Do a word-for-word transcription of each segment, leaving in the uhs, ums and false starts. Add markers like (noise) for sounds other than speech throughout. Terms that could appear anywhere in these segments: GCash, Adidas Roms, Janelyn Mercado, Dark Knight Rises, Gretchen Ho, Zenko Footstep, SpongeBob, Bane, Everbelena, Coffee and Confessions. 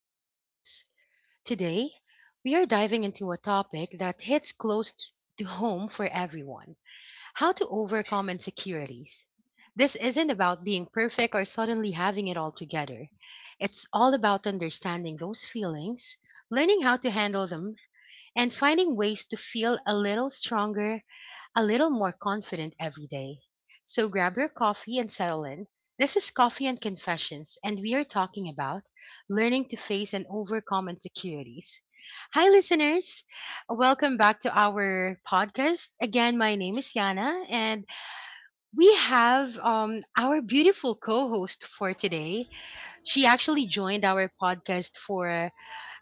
ourselves. Today, we are diving into a topic that hits close t- to home for everyone: how to overcome insecurities. This isn't about being perfect or suddenly having it all together. It's all about understanding those feelings, learning how to handle them, and finding ways to feel a little stronger, a little more confident every day. So grab your coffee and settle in. This is Coffee and Confessions, and we are talking about learning to face and overcome insecurities. Hi, listeners. Welcome back to our podcast. Again, my name is Yana, and we have um, our beautiful co host for today. She actually joined our podcast for,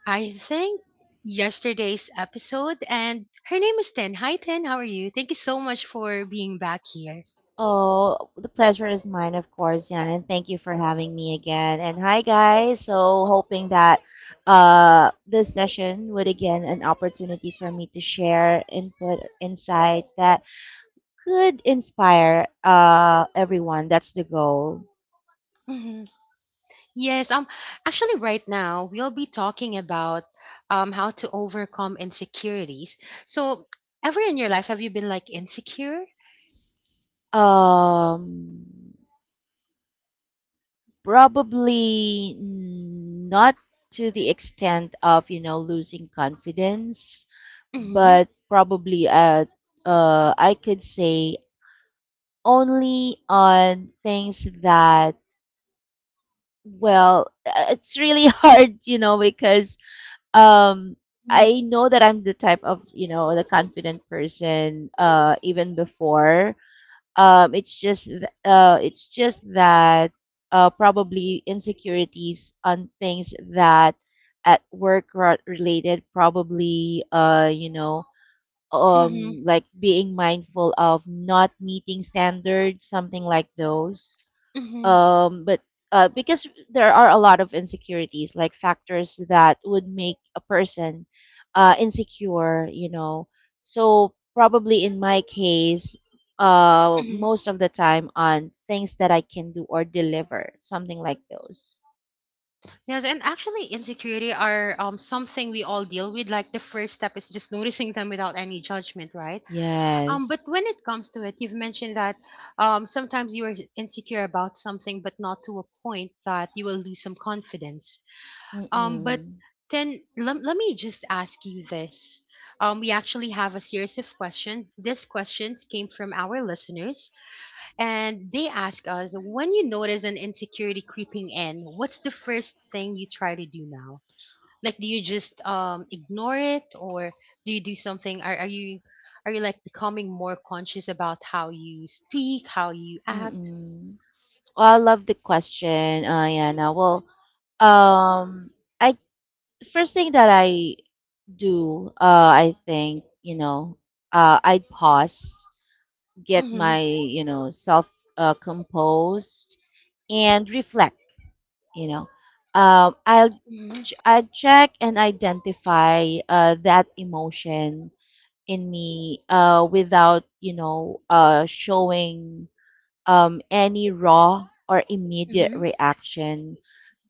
I think, yesterday's episode, and her name is Tin. Hi, Tin. How are you? Thank you so much for being back here. Oh, the pleasure is mine, of course, Jan, and thank you for having me again. And hi, guys. So, hoping that uh, this session would again an opportunity for me to share input, insights that could inspire uh, everyone. That's the goal. Mhm. Yes, um, actually, right now we'll be talking about um how to overcome insecurities. So, ever in your life have you been like insecure? Um, Probably not to the extent of, you know, losing confidence, Mm-hmm. but probably at, uh, I could say only on things that, well, uh, it's really (laughs) hard, you know, because um, Mm-hmm. I know that I'm the type of, you know, the confident person, uh, even before um, it's just th- uh, it's just that uh, probably insecurities on things that at work ro- related probably uh, you know, um like being mindful of not meeting standards, something like those, Mm-hmm. um but uh, because there are a lot of insecurities like factors that would make a person uh, insecure, you know, so probably in my case uh, Mm-hmm. most of the time on things that I can do or deliver, something like those. Yes, and actually, insecurity are um something we all deal with. Like, the first step is just noticing them without any judgment, right? Um, but Yes. when it comes to it, you've mentioned that um, sometimes you are insecure about something, but not to a point that you will lose some confidence. Um, but Mm-mm. then, let, let me just ask you this. Um, we actually have a series of questions. These questions came from our listeners, and they ask us, when you notice an insecurity creeping in, what's the first thing you try to do now? Like, do you just um ignore it, or do you do something? Are are you are you like becoming more conscious about how you speak, how you act? Mm-mm. Well, I love the question, uh, Yana. Well, um, I first thing that I do. Uh, I think, you know. Uh, I'd pause, get Mm-hmm. my, you know, self uh, composed, and reflect. You know, um, I'll Mm-hmm. ch- I check and identify uh, that emotion in me uh, without, you know, uh, showing um, any raw or immediate Mm-hmm. reaction,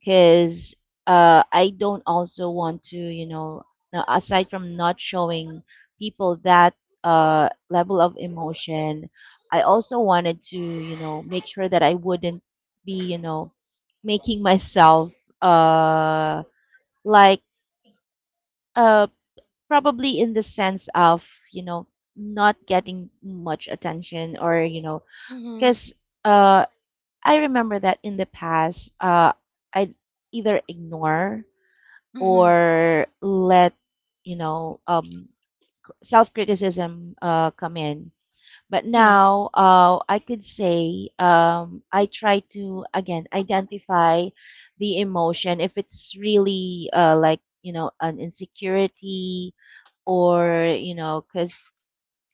because uh, I don't also want to, you know, now, aside from not showing people that uh, level of emotion, I also wanted to, you know, make sure that I wouldn't be, you know, making myself uh, like uh, probably in the sense of, you know, not getting much attention, or, you know, Mm-hmm. because uh, I remember that in the past, uh, I either ignore Hmm. or let, you know, um, self criticism uh, come in. But Yes. now uh, I could say, um, I try to again identify the emotion if it's really, uh, like, you know, an insecurity, or, you know, because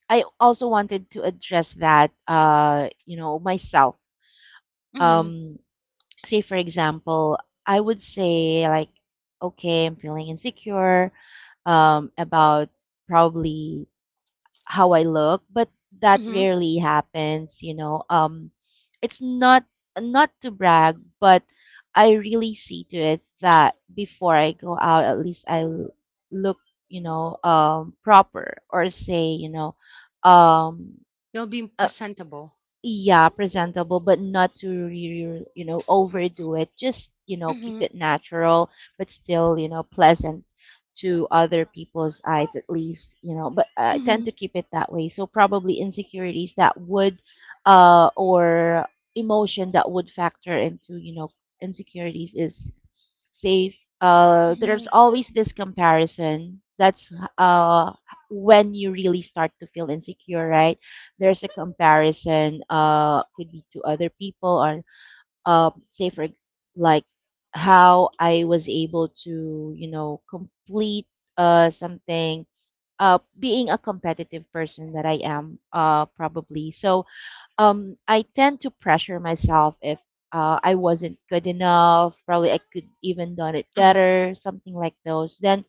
I also wanted to address that, uh, you know, myself. Mm-hmm. Um, say for example I would say like, okay, I'm feeling insecure um about probably how I look, but that Mm-hmm. rarely happens, you know. um it's not, not to brag, but I really see to it that before I go out, at least i l- look, you know, um proper, or say, you know, um You'll be uh, presentable. yeah, presentable, but not to re- you know, overdo it, just, you know, keep Mm-hmm. it natural, but still, you know, pleasant to other people's eyes, at least, you know. But I tend to Mm-hmm. keep it that way, so probably insecurities that would uh or emotion that would factor into, you know, insecurities, is safe. uh Mm-hmm. There's always this comparison, that's uh when you really start to feel insecure, right? There's a comparison, uh could be to other people, or, um say for ex- like, how I was able to, you know, complete uh something. Uh being a competitive person that I am, uh probably, so um I tend to pressure myself if uh, I wasn't good enough, probably I could even done it Uh-huh. better, something like those. Then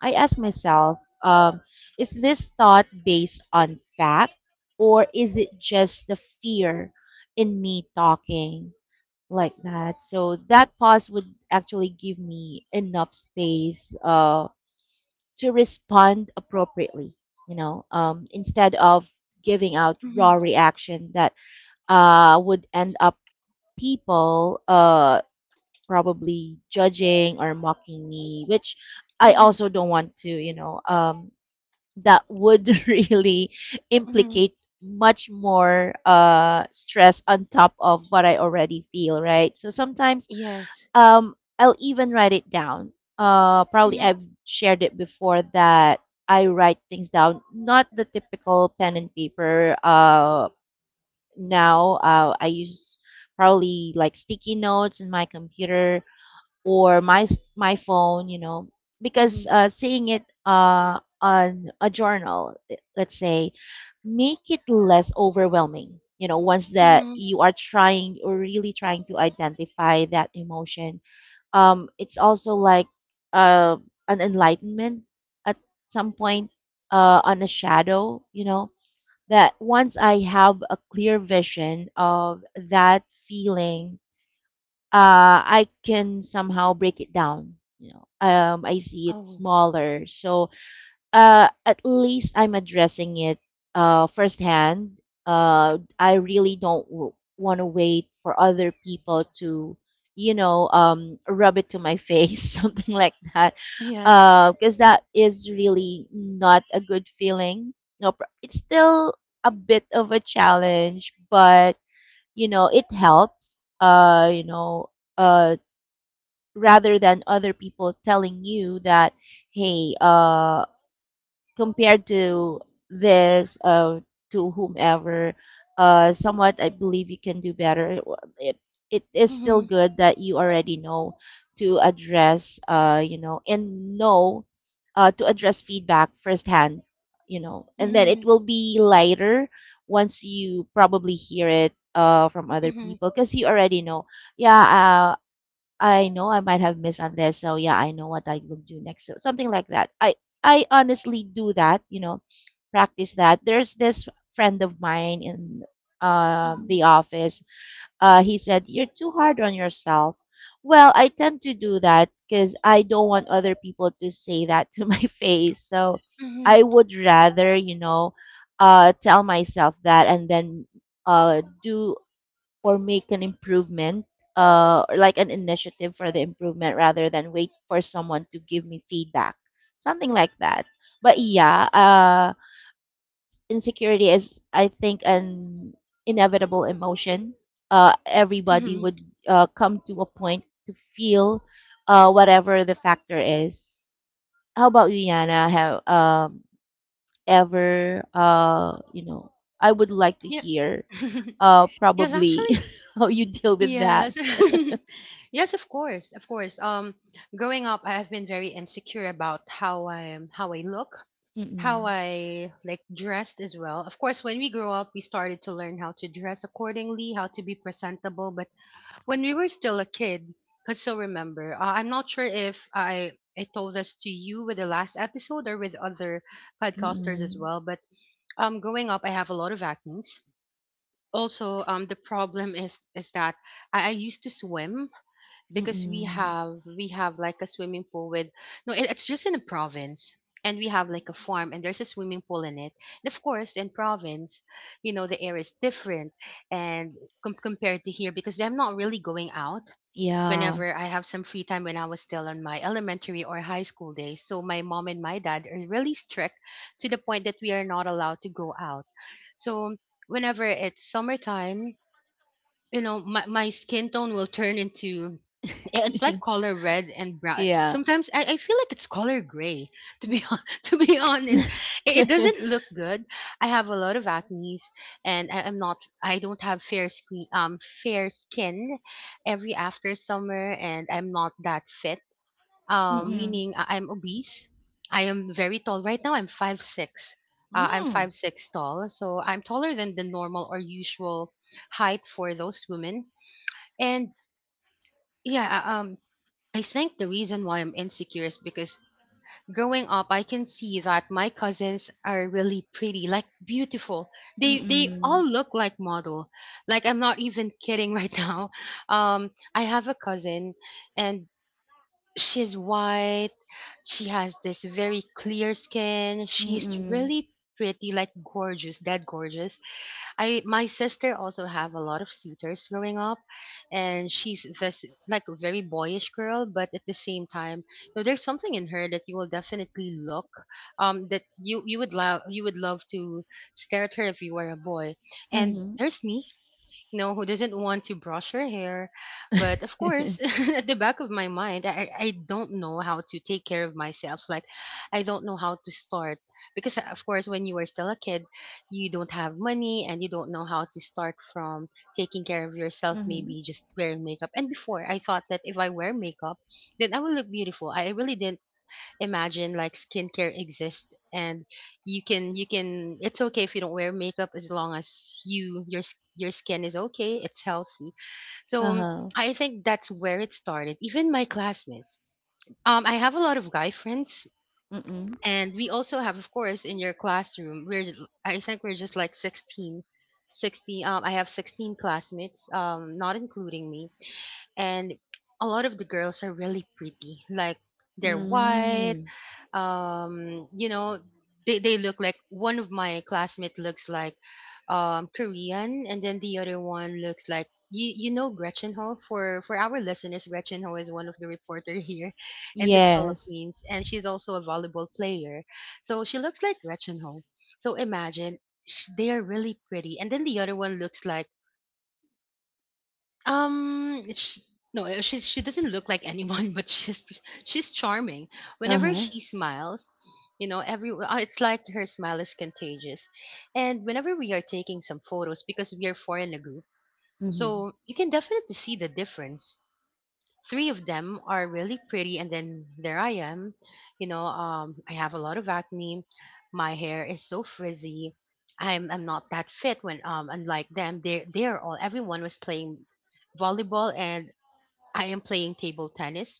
I ask myself, um, is this thought based on fact, or is it just the fear in me talking like that? So that pause would actually give me enough space uh, to respond appropriately, you know, um, instead of giving out Mm-hmm. raw reaction that uh, would end up people uh, probably judging or mocking me, which I Hmm. also don't want to, you know, um, that would (laughs) really Hmm. implicate much more uh, stress on top of what I already feel, right? So sometimes, Yes. um, I'll even write it down. Uh, probably Mm-hmm. I've shared it before that I write things down, not the typical pen and paper. Uh, now uh, I use probably like sticky notes in my computer or my s- my phone, you know, because Mm-hmm. uh, seeing it uh, on a journal, eh, let's say, make it less overwhelming. You know, once that Hmm. you are trying or really trying to identify that emotion, um, it's also like uh, an enlightenment at some point uh, on a shadow, you know, that once I have a clear vision of that feeling, uh, I can somehow break it down. You know, um, I see it Oh. smaller, so uh, at least I'm addressing it uh, firsthand. Uh, I really don't w- want to wait for other people to, you know, um, rub it to my face, (laughs) something like that, Yes. because that is really not a good feeling. No, pr- it's still a bit of a challenge, but, you know, it helps. Uh, you know, uh, Rather than other people telling you that, hey, uh compared to this, uh, to whomever, uh, somewhat I believe you can do better, it, it, it is still Mm-hmm. good that you already know to address, uh, you know, and know uh, to address feedback firsthand, you know, and then it Mm-hmm. will be lighter once you probably hear it uh, from other Mm-hmm. people, because you already know. Yeah, uh, I know I might have missed on this, so yeah, I know what I will do next. So something like that. I I honestly do that, you know, practice that. There's this friend of mine in uh, Mm-hmm. the office. Uh, he said you're too hard on yourself. Well, I tend to do that because I don't want other people to say that to (laughs) my face. So Mm-hmm. I would rather, you know, uh, tell myself that, and then uh, do or make an improvement, uh or like an initiative for the improvement, rather than wait for someone to give me feedback, something like that. But yeah, uh insecurity is, I think, an inevitable emotion. Uh everybody would Mm-hmm. uh come to a point to feel, uh whatever the factor is. How about you, Yana? Have, um ever, uh you know, I would like to Yep. hear (laughs) uh Yes, probably (laughs) actually. how you deal with that. Yes. (laughs) Yes, of course. Of course. Um growing up, I have been very insecure about how I am, how I look, how Mm, I like dressed as well. Of course, when we grew up, we started to learn how to dress accordingly, how to be presentable, but when we were still a kid, cuz, still remember, uh, I'm not sure if I I told this to you with the last episode or with other podcasters as mm, well, but um growing up, I have a lot of acne. Also, um the problem is is that I, I used to swim because we mm. have we have like a swimming pool with no, it, it's just in the province, and we have like a farm, and there's a swimming pool in it. And of course, in province, you know, the air is different. And com- compared to here, because I'm not really going out Yeah. whenever I have some free time when I was still on my elementary or high school days. So my mom and my dad are really strict, to the point that we are not allowed to go out. So whenever it's summertime, you know, my, my skin tone will turn into, yeah, it's like (laughs) color red and brown. Yeah. Sometimes i, I feel like it's color gray, (laughs) to be hon- (laughs) to be honest. it, it doesn't (laughs) look good. I have a lot of acne's, and I, I'm not I don't have fair skin um fair skin every after summer. And I'm not that fit, um, Mm, meaning uh, I'm obese. I am very tall. Right now, I'm five six. Uh, I'm mm. five six tall, so I'm taller than the normal or usual height for those women. And yeah, uh, um, I think the reason why I'm insecure is because growing up, I can see that my cousins are really pretty, like beautiful. They they all Mm, look like model. Like, I'm not even kidding right (laughs) now. Um, I have a cousin, and she's white. She has this very clear skin. She's mm. really pretty, like gorgeous, that gorgeous. I My sister also have a lot of suitors growing up, and she's this like very boyish girl, but at the same time, you know, there's something in her that you will definitely look um that you you would love, you would love to stare at her if you were a boy. And Mhm. there's me, you know, who doesn't want to brush her hair. But of course, (laughs) at the back of my mind, I, I I don't know how to take care of myself. Like, I don't know how to start. Because, uh, of course, when you are still a kid, you don't have money, and you don't know how to start from taking care of yourself, Mhm. maybe just wearing makeup. And before, I thought that if I wear makeup, then I will look beautiful. I really didn't imagine like skincare exists, and you can you can it's okay if you don't wear makeup, as long as you your s- your skin is okay, it's healthy. (laughs) So, um, Uh-huh. I think that's where it started. Even my classmates, um I have a lot of guy friends, Mm, and we also have, of course, in your classroom, we're, I think we're just like sixteen, sixteen. um I have sixteen classmates, um not including me. And a lot of the girls are really pretty, like they're white. mm. Um you know, they, they look like, one of my classmates looks like um Korean, and then the other one looks like, you, you know Gretchen Ho. For for our listeners, Gretchen Ho is one of the reporter here (laughs) in the Yes. Philippines, and she's also a volleyball player. So she looks like Gretchen Ho. So imagine, sh- they are really pretty. And then the other one looks like, um, sh no, uh, she's she doesn't look like anyone, (laughs) but she's p- she's charming. Whenever Uh-huh. she smiles, you know, every uh, it's like her smile is contagious. And whenever we are taking some photos, because we are four in a group, Mhm. so you can definitely see the difference. Three of them are really pretty, and then there I am, you know um I have a lot of acne, my hair is so frizzy, i'm i'm not that fit. When um Unlike them, they they're all everyone was playing volleyball, and I am playing table tennis.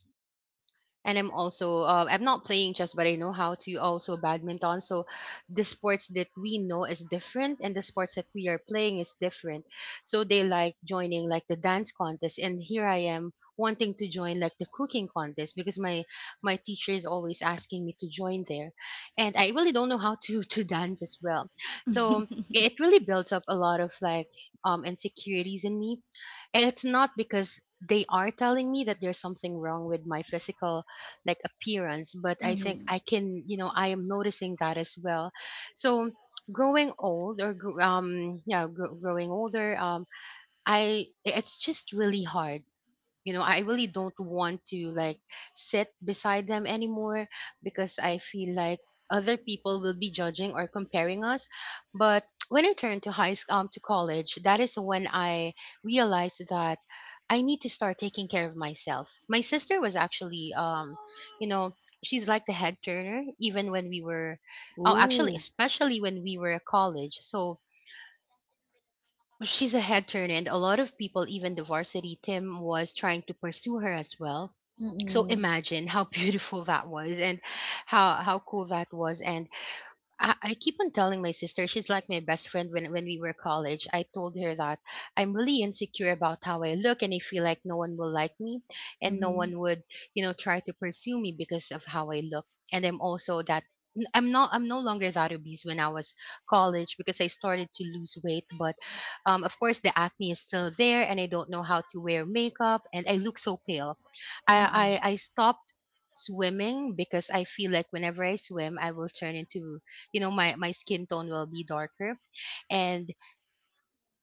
And I'm also uh, I'm not playing chess, but I know how to also badminton. So the sports that we know is different, and the sports that we are playing is different. So they like joining like the dance contest, and here I am wanting to join like the cooking contest, because my my teacher is always asking me to join there, and I really don't know how to (laughs) to dance as well. So it really builds up a lot of like um insecurities in me. And it's not because they are telling me that there's something wrong with my physical like appearance, but I think I Mhm. can, you know, I am noticing that as well. So growing old or gr- um yeah, gr- growing older, um I it's just really hard. You know, I really don't want to like sit beside them anymore, because I feel like other people will be judging or comparing us. But when I turned to high school, um, to college, that is when I realized that I need to start taking care of myself. My sister was actually, um you know she's like the head turner even when we were, oh, actually, Ooh. especially when we were at college. So she's a head turner, and a lot of people, even the varsity team was trying to pursue her as well. So Mm, imagine how (laughs) beautiful that was, and how how cool that was. And I, I keep on telling my sister, she's like my best friend when when we were college. I told her that I'm really insecure about how I look, and I feel like no one will like me, and no mhm. one would, you know, try to pursue me because of how I look. And I'm also that, n- I'm not I'm no longer that obese when I was college because I started to lose weight. But um, of course, the acne is still there, and I don't know how to wear makeup, and I look so pale. I Mm. I, I stopped swimming because I feel like whenever I swim I will turn into you know my my skin tone will be darker, and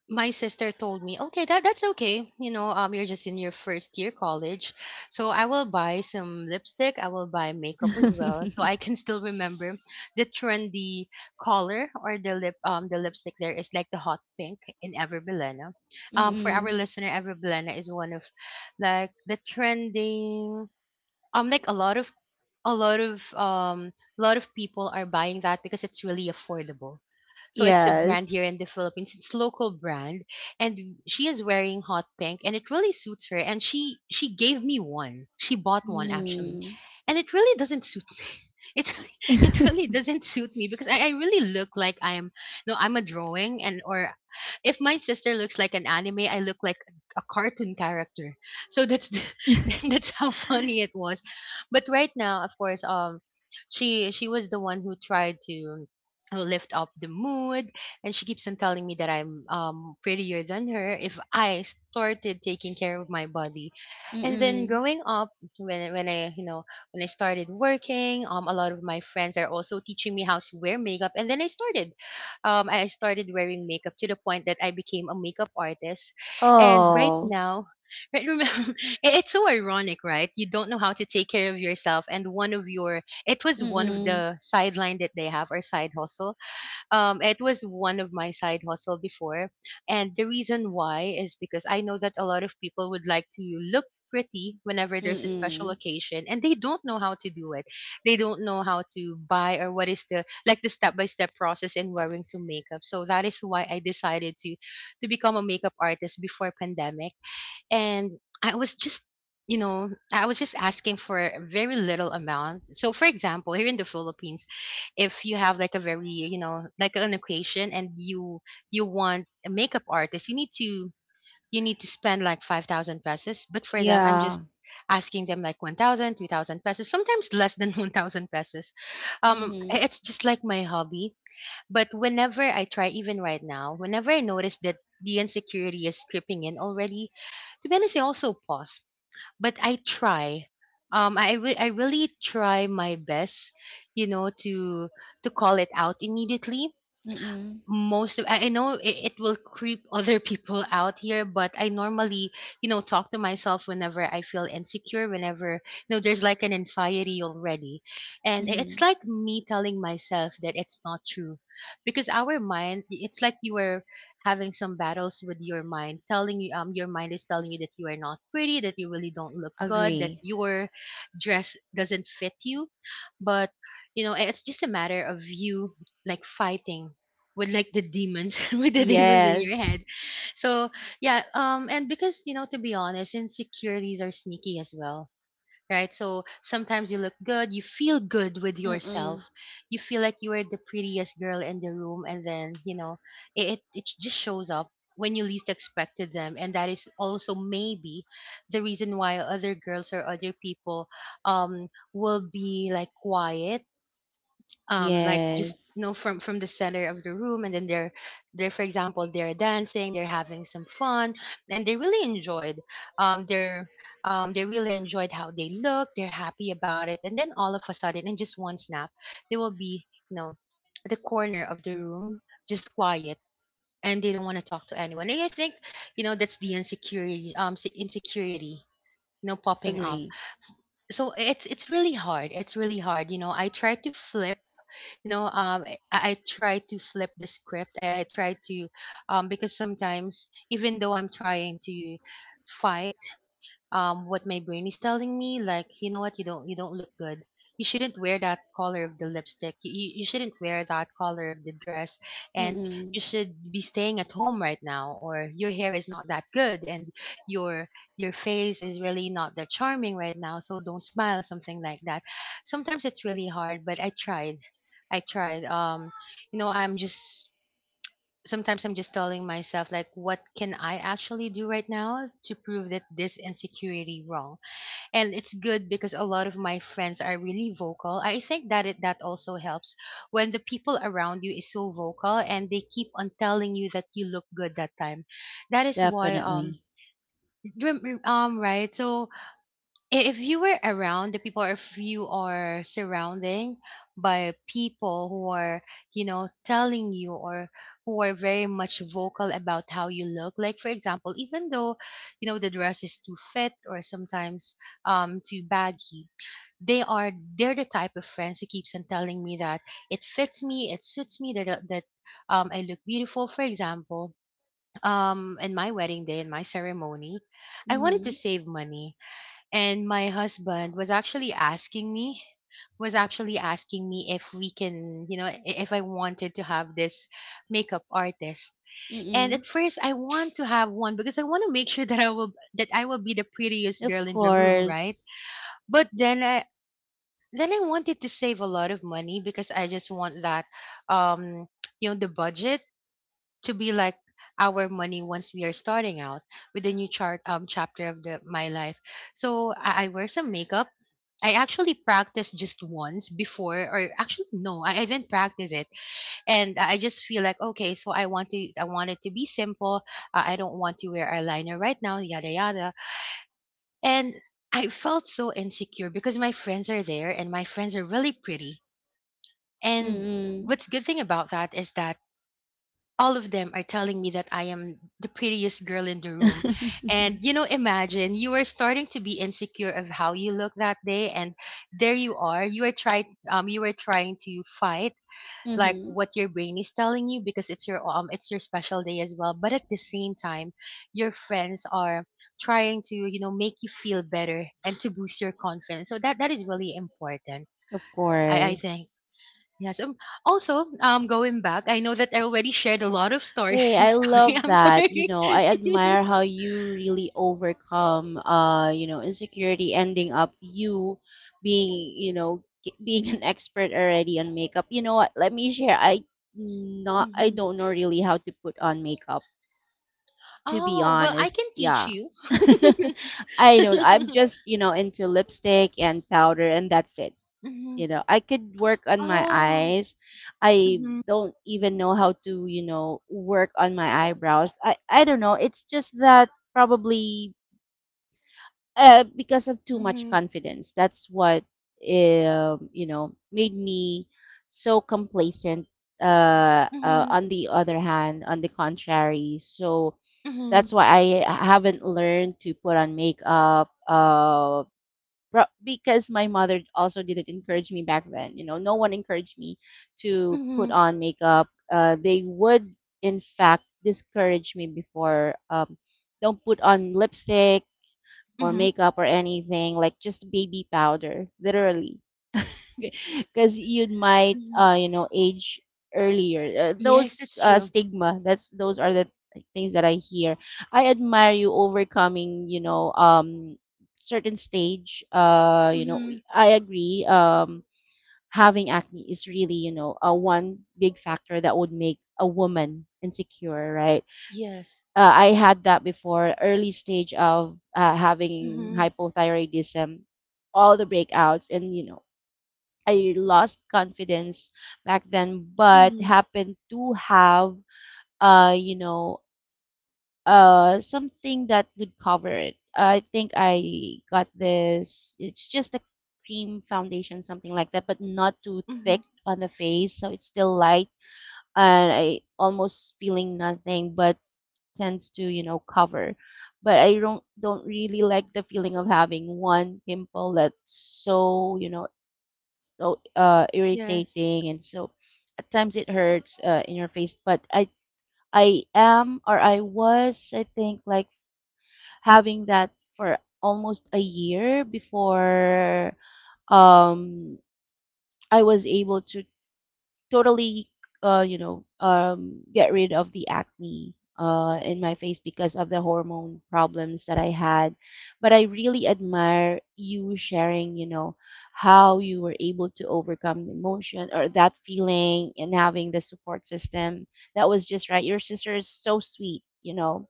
my sister told me, okay, that that's okay. You know um you're just in your first year college, so I will buy some lipstick. I will buy makeup as well, so Mm. I (laughs) can still remember the trendy color or the lip um the lipstick. There is like the hot pink in Everbelena. Um for our listener, Everbelena is one of like the trending, um like a lot of a lot of um a lot of people are buying that because it's really affordable. So it's a brand here Yes. in the Philippines. It's local brand. And she is wearing hot pink, and it really suits her, and she she gave me one. She bought one, actually. Mm. And it really doesn't suit me. (laughs) It really, it really (laughs) doesn't suit me because I, I really look like I am, no, I'm a drawing. And or if my sister looks like an anime, I look like a cartoon character. So that's the, (laughs) that's how funny it was. But right now, of course, um, she she was the one who tried to lift up the mood, and she keeps on telling me that I'm um prettier than her if I started taking care of my body. And then Mm-mm. growing up, when when I you know when I started working, um, a lot of my friends are also teaching me how to wear makeup, and then I started, um, I started wearing makeup to the point that I became a makeup artist. And right Oh. now, right, remember, (laughs) it's so ironic, right? You don't know how to take care of yourself, and one of your it was one of Mm-mm. the sideline that they have, or side hustle. Um, it was one of my side hustle before, and the reason why is because I know that a lot of people would like to look pretty whenever there's a special Mm. occasion, and they don't know how to do it. They don't know how to buy or what is the like the step by step process in wearing some makeup. So that is why I decided to to become a makeup artist before pandemic. And I was just, you know, I was just asking for a very little amount. So, for example, here in the Philippines, if you have like a very, you know, like an occasion and you you want a makeup artist, you need to you need to spend like five thousand pesos. But for them, I'm just Yeah. asking them like one thousand, two thousand pesos, sometimes less than (laughs) one thousand pesos. um Mhm. It's just like my hobby. But whenever I try, even right now, whenever I notice that the insecurity is creeping in already, to be honest, I also pause. But I try. Um, I re- I really try my best, you know, to to call it out immediately. Mm. Most of, I I know it, it will creep (laughs) other people out here, but I normally, you know, talk to myself whenever I feel insecure, whenever, you know, there's like an anxiety already. And i- it's Mhm. like me telling myself that it's not true, because our mind, it's like you are having some battles with your mind telling you, um, your mind is telling you that you are not pretty, that you really don't look good, that Agree. your dress doesn't fit you. But, you know, it's just a matter of you like fighting with like the demons (laughs) with the demons in your Yes. head. So yeah. Um and because you know to be honest, insecurities are sneaky as well, right? So sometimes you look good, you feel good with yourself, Mm. you feel like you are the prettiest girl in the room, and then you know it it, it just shows up when you least expected them. And that is also maybe the reason why other girls or other people um will be like quiet, um like just Yes. you know from from the center of the room, and then they're they're for example, they're dancing, they're having some fun, and they really enjoyed um they're um they really enjoyed how they look. They're happy about it, and then all of a sudden, in just one snap, they will be, you know at the corner of the room, just quiet, and they don't want to talk to anyone. And I think, you know that's the insecurity, um se- insecurity, you know popping Agree. up. So it's it's really hard. It's really hard. you know I try to flip, you know um i, I try to flip the script. i, I try to, um because sometimes, even though I'm trying to fight, um what my brain is telling me like, you know what, you don't you don't look good, you shouldn't wear that color of the lipstick, you, you you shouldn't wear that color of the dress, and Mm. you should be staying at home right now, or your hair is not that good, and your your face is really not that charming right now, so don't smile, something like that. Sometimes it's really hard, but I tried. I tried, um you know I'm just, sometimes I'm just telling myself like what can I actually do right now to prove that this insecurity wrong. And it's good because a lot of my friends are really vocal. I think that it that also helps when the people around you is so vocal and they keep on telling you that you look good that time. That is why Definitely. um rem- rem- um right, so i- if you were around the people or if you are surrounding by people who are, you know telling you, or who are very much vocal about how you look like, for example, even though, you know the dress is too fit, or sometimes um too baggy, they are, they're the type of friends who keeps on telling me that it fits me, it suits me, that that um I look beautiful. For example, um in my wedding day, in my ceremony, I wanted to Mhm. save money, and my husband was actually asking me, was actually asking me if we can, you know i- if I wanted to have this makeup artist. And at Mm. first, I want to have one because I want to make sure that I will that I will be the prettiest Of girl in the room, right? course. But then i then i wanted to save a lot of money, because I just want that, um you know the budget to be like our money once we are starting out with the new chart um chapter of the my life. So I, I wear some makeup. I actually practiced just once before, or actually no, I, I didn't practice it, and I I just feel like okay, so I want to, I want it to be simple. Uh, I don't want to wear eyeliner right now, yada yada. And I felt so insecure because my friends are there, and my friends are really pretty. And Mm. what's good thing about that is that all of them are telling me that I am the prettiest girl in the room. And Mhm. you know, imagine you are starting to be insecure of how you look that day, and there you are. You are trying um you are trying to fight like (laughs) what your brain is telling you, because it's your um it's your special day as well. But at the same time, your friends are trying to, you know, make you feel better and to boost your confidence. So that that is really important. Of I, I think. course. Yes. Um, also, um, going back, I know that I already shared a lot of story. (laughs) Hey, I Story. love I'm sorry. that. You know, I admire how you really overcome, uh, you know, insecurity, ending up you being, you know, g- (laughs) being an expert already on makeup. You know what? Let me share. I not, I Hmm. don't know really how to put on makeup, to be Oh well, I honest. can teach Yeah. you. (laughs) I don't. I'm (laughs) just, you know, into lipstick and powder, and that's it. Hmm. You know, I could work on my Oh. eyes. I Hmm. don't even know how to, you know, work on my eyebrows. I i don't know, it's just that probably uh, because of too much Hmm. confidence, that's what, um you know, made me so complacent, uh, uh Hmm. on the other hand, on the contrary, so that's Hmm. why I haven't learned to put on makeup. Uh. Pro- because my mother also didn't encourage me back then. You know, no one encouraged me to put Hmm. on makeup. Uh, they would, in fact, discourage me before. Um, don't put on lipstick or Hmm. makeup or anything. Like just baby powder, literally. (laughs) Because you might Hmm. uh you know, age earlier, uh, Yes, those that's uh true. stigma, that's those are the things that I hear. I admire you overcoming, you know, um certain stage, uh you know. Hmm. I agree, um having acne is really, you know, a one big factor that would make a woman insecure, right? Yes. uh, I had that before, early stage of uh, having Hmm. hypothyroidism, all the breakouts, and, you know, I lost confidence back then, but Hmm. happened to have uh you know, uh something that would cover it. I think I got this. It's just a cream foundation, something like that, but not too thick Hmm. on the face, so it's still light, and I almost feeling nothing, but tends to, you know, cover. But I don't don't really like the feeling of having one pimple that's so you know so uh, Yes. irritating, and so at times it hurts uh, in your face. But I I am or I was I think like having that for almost a year before um i was able to totally uh you know um get rid of the acne uh in my face because of the hormone problems that I had. But I really admire you sharing, you know how you were able to overcome the emotion or that feeling and having the support system that was just right. Your sister is so sweet, you know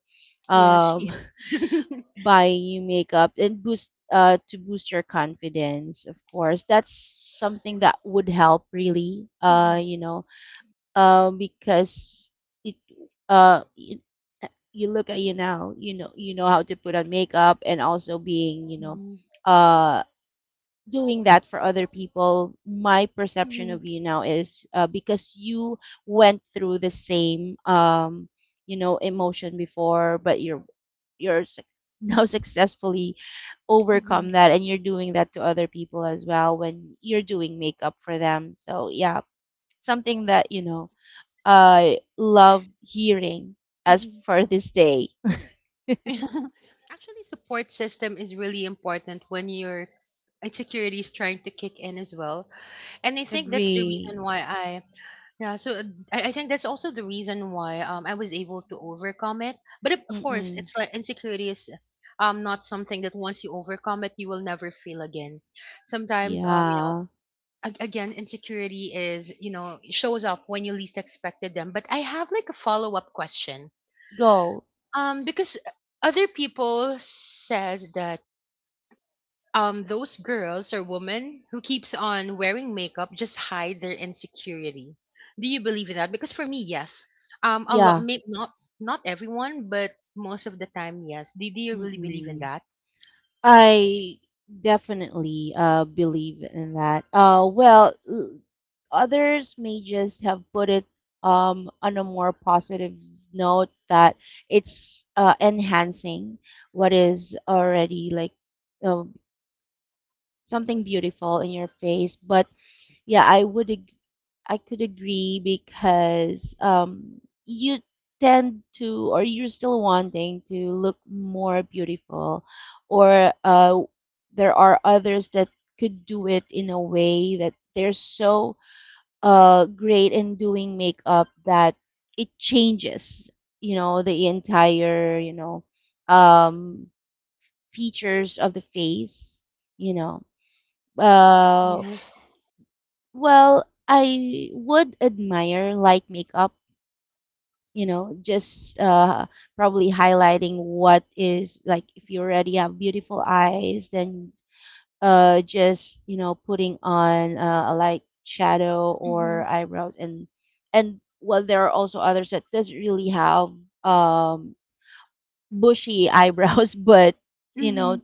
Yeah, um she. (laughs) (laughs) buying you makeup and boost uh to boost your confidence. Of course that's something that would help really, uh Hmm. you know uh, because it uh you, you look at you now. You know, you know how to put on makeup, and also being, you know Hmm. uh doing that for other people. My perception Hmm. of you now is, uh, because you went through the same um you know emotion before, but you're you're suc- (laughs) now successfully overcome that, and you're doing that to other people as well when you're doing makeup for them. So yeah, something that you know I love hearing as Hmm. (laughs) for this day. (laughs) Actually, support system is really important when your insecurity is trying to kick in as well. And I think that's the Agree. reason why I, yeah, so uh, I, I think that's also the reason why um, I was able to overcome it. But of of course, Mm-mm. it's like insecurity is um, not something that once you overcome it, you will never feel again. Sometimes, um, you know, Yeah. ag- again, insecurity is, you know, shows up when you least expected them. But I have like a follow up question, Go. um, because other people says that um those girls or women who keeps on wearing makeup just hide their insecurity. Do you believe in that? Because for me, yes. Um, a lot, Yeah. may not, not everyone, but most of the time, yes. Do, do you really believe in Mm-mm. that? I definitely uh believe in that. Uh well, l- others may just have put it um on a more positive note, that it's uh enhancing what is already like uh, something beautiful in your face. But yeah, I would ag- I could agree, because um you tend to, or you're still wanting to look more beautiful, or uh there are others that could do it in a way that they're so uh great in doing makeup that it changes, you know, the entire, you know, um features of the face, you know. Uh, Yes. well, I would admire light makeup, you know, just uh, probably highlighting what is like. If you already have beautiful eyes, then uh, just you know putting on uh, a light shadow or Mm-hmm. eyebrows. and and well, there are also others that doesn't really have um bushy eyebrows, (laughs) but you Mm-hmm. know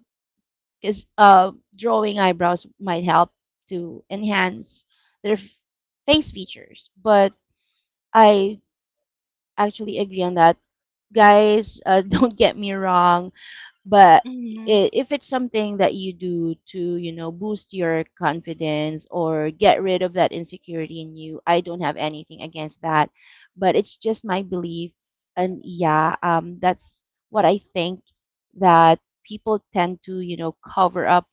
because uh, drawing eyebrows might help to enhance their f- face features. But I actually agree on that, guys. Uh, (laughs) don't get me wrong, but Mm-hmm. i- if it's something that you do to you know boost your confidence or get rid of that insecurity in you, I don't have anything against that. But it's just my belief, and yeah, um, that's what I think, that people tend to you know cover up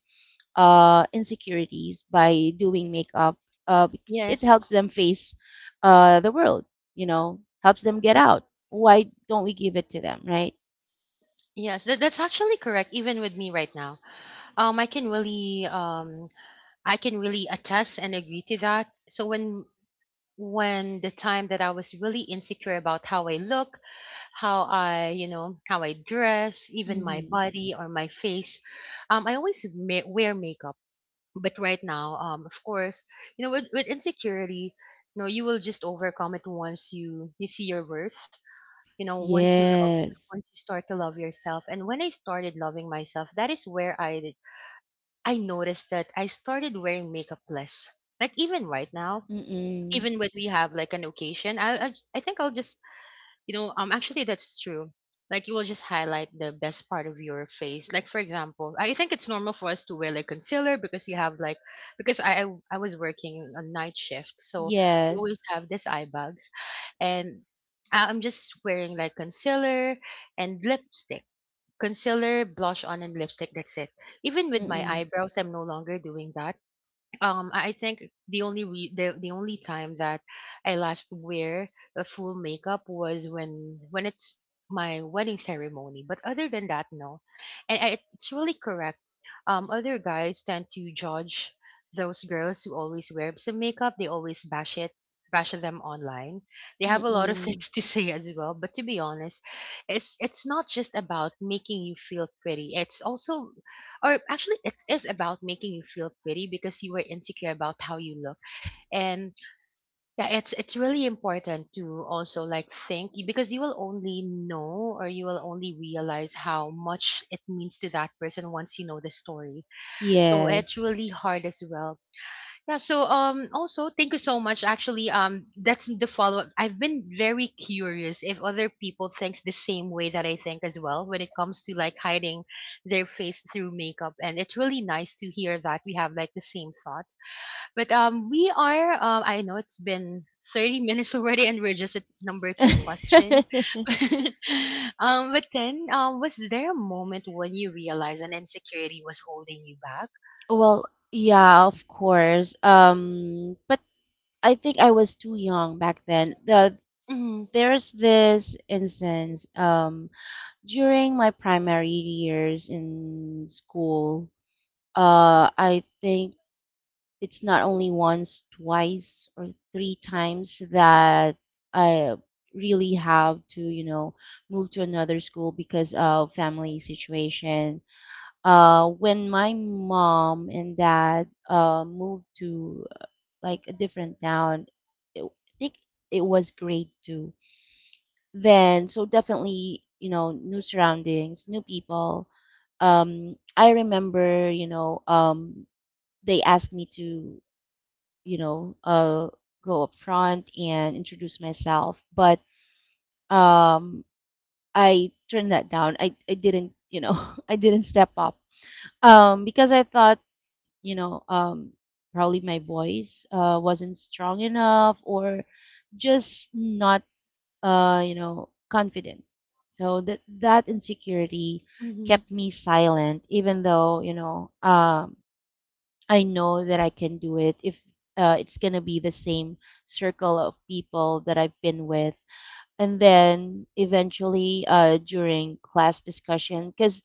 uh, insecurities by doing makeup, uh, because it Yes. helps them face uh, the world, you know, helps them get out. Why don't we give it to them, right? Yes, that, that's actually correct. Even with me right now, um, I can really, um, I can really attest and agree to that. So when when the time that I was really insecure about how I look, how I, you know, how I dress, even my Mm-hmm. body or my face, um, I always ma- wear makeup. But right now, um, of course, you know, with, with insecurity, you know, you will just overcome it once you you see your worth. You know, once you love, Yes. once you start to love yourself. And when I started loving myself, that is where I I noticed that I started wearing makeup less. Like even right now, Mm-mm. even when we have like an occasion, I I, I think I'll just you know um actually that's true. Like you will just highlight the best part of your face. Like for example, I think it's normal for us to wear like concealer because you have like because I I, I was working a night shift, so I always Yes. have these eye bags, and I- I'm just wearing like concealer and lipstick. Concealer, blush on, and lipstick. That's it. Even with my Mm-mm. eyebrows, I'm no longer doing that. Um I I think the only re- the the only time that I last wear the full makeup was when when it's my wedding ceremony. But other than that, no. And I, it's really correct. Um, other guys tend to judge those girls who always wear some makeup. They always bash it, bash them online. They have a lot of (laughs) Mm-mm. things to say as well. But to be honest, it's it's not just about making you feel pretty. It's also or actually it is about making you feel pretty because you were insecure about how you look and yeah, it's it's really important to also like think because you will only know or you will only realize how much it means to that person once you know the story, so it's Yes. really hard as well. Yeah, so um also thank you so much. Actually, um that's the follow-up. I've been very curious if other people thinks the same way that I think as well when it comes to like hiding their face through makeup. And it's really nice to hear that we have like the same thought. But um we are um I know it's been thirty minutes (laughs) already and we're just at number two question. (laughs) (laughs) Um but then um was there a moment when you realized an insecurity was holding you back? Well, yeah, of course. Um, but I think I was too young back then. The, Mm-hmm, there's this instance. Um, During my primary years in school, uh, I think it's not only once, twice, or three times that I really have to, you know, move to another school because of family situation. Uh, when my mom and dad uh, moved to like a different town, it, I think it was grade two then. So definitely, you know, new surroundings, new people. Um i remember you know um they asked me to you know uh go up front and introduce myself. But um i turned that down. I i didn't, you know, (laughs) I didn't step up, um because I thought, you know um probably my voice uh wasn't strong enough, or just not uh, you know, confident. So that that insecurity mm-hmm, kept me silent, even though, you know um, I know that I can do it if uh, it's gonna be the same circle of people that I've been with. And then eventually, uh, during class discussion, because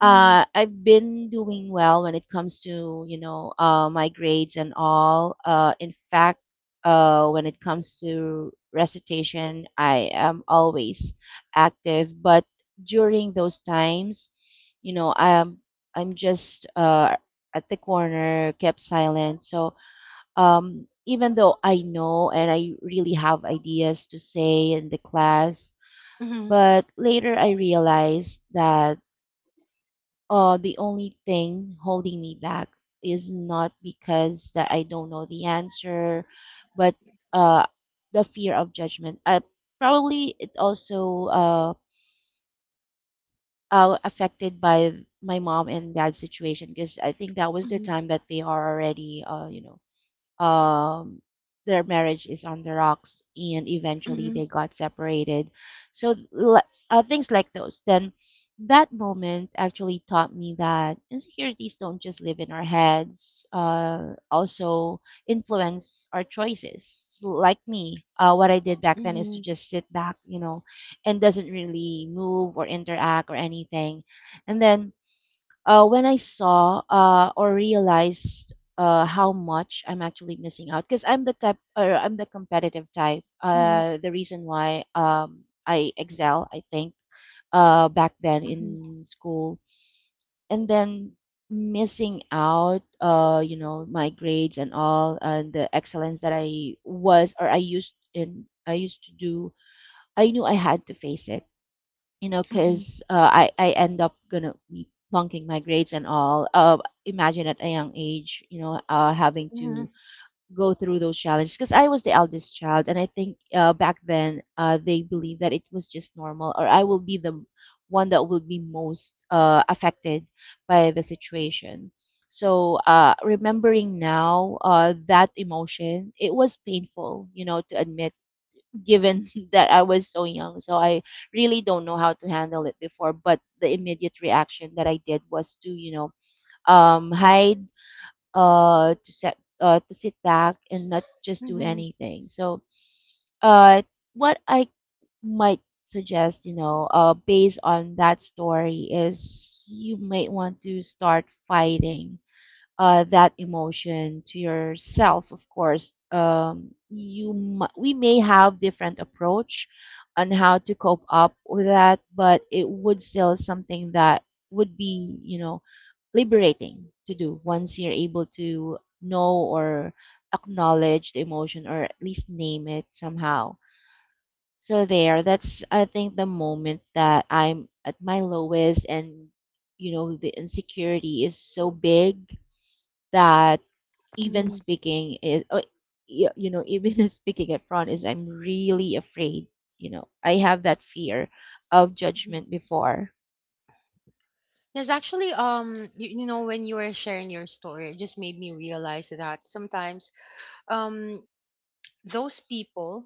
uh, I've been doing well when it comes to, you know uh, my grades and all. Uh, in fact, uh, when it comes to recitation, I am always active. But during those times, you know, I'm I'm just uh, at the corner, kept silent. So um, even though I know and I really have ideas to say in the class, mm-hmm, but later I realized that uh, the only thing holding me back is not because that I don't know the answer, but uh, the fear of judgment. I probably it also uh, uh affected by my mom and dad's situation, because I think that was the mhm, time that they are already, uh you know um, their marriage is on the rocks, and eventually mhm, they got separated. so le- uh, Things like those. Then That moment actually taught me that insecurities don't just live in our heads, uh, also influence our choices. Like me, uh, what I did back then is to mhm, just sit back, you know, and doesn't really move or interact or anything. And then, uh, when I saw, uh, or realized, uh, how much I'm actually missing out, because I'm the type, or I'm the competitive type. mhm, Uh, the reason why, um, I excel, I think, uh, back then mhm, in school, and then missing out, uh, you know, my grades and all, and the excellence that I was or I used in, I used to do. I knew I had to face it, you know, mhm, because uh, I I end up gonna be plunking my grades and all. Uh, imagine at a young age, you know, uh, having to mhm, go through those challenges. Because I was the eldest child, and I think, uh, back then, uh, they believed that it was just normal, or I will be the one that will be most uh, affected by the situation. So uh, remembering now, uh, that emotion, it was painful, you know, to admit, given (laughs) that I was so young. So I really don't know how to handle it before. But the immediate reaction that I did was to, you know, um, hide, uh, to set, uh, to sit back and not just mhm, do mhm, anything. So, uh, what I might suggest, you know, uh, based on that story, is you might want to start fighting uh, that emotion to yourself. Of course, um, you m- we may have different approach on how to cope up with that, but it would still something that would be, you know, liberating to do once you're able to know or acknowledge the emotion, or at least name it somehow. So there, that's I think the moment that I'm at my lowest, and you know the insecurity is so big that even mhm, speaking is, oh, y- you know, even (laughs) speaking at front is, I'm really afraid. You know, I have that fear of mhm. judgment before. Yes, actually, um, you, you know, when you were sharing your story, it just made me realize that sometimes, um, those people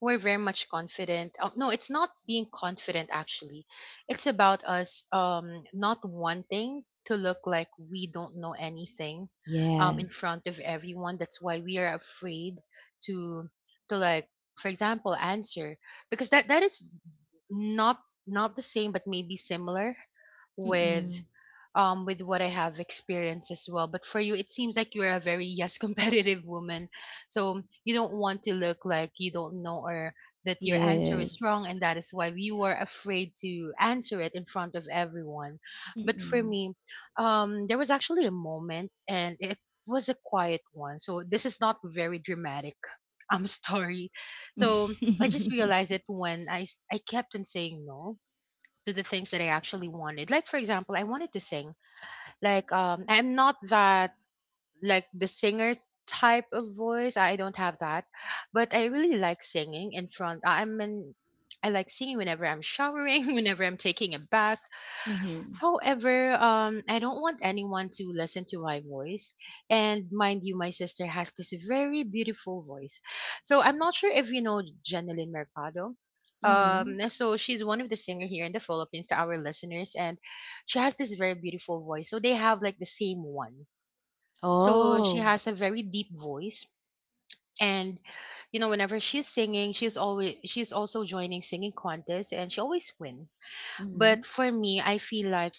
were very much confident. Uh, no, it's not being confident actually. It's about us um not wanting to look like we don't know anything um in Yes. front of everyone. That's why we are afraid to to like for example answer because that that is not, not the same but maybe similar with Mm-mm. um with what I have experienced as well. But for you, it seems like you're a very yes (laughs) competitive woman, so you don't want to look like you don't know or that your answer is Yes. wrong, and that is why you were afraid to answer it in front of everyone. But for Mm-mm. me, um, there was actually a moment, and it was a quiet one. So this is not very dramatic. (laughs) um story. (laughs) So I just Mm-hmm. realized it when I s- I kept on saying no to the things that I actually wanted. Like for example, I wanted to sing like um I'm not that like the singer type of voice. I don't have that. But I really like singing in front. I'm in I like singing whenever I'm showering, (laughs) whenever I'm taking a bath. However, um, I don't want anyone to listen to my voice. And mind you, my sister has this very beautiful voice. So I'm not sure if you know Janelyn Mercado. Mm-hmm. Um, so she's one of the singer here in the Philippines to our listeners, and she has this very beautiful voice. So they have like the same one. So she Oh. has a very deep voice, and you know, whenever she's singing, she's always she's also joining singing contests, and she always win. Mm-hmm. But for me, I feel like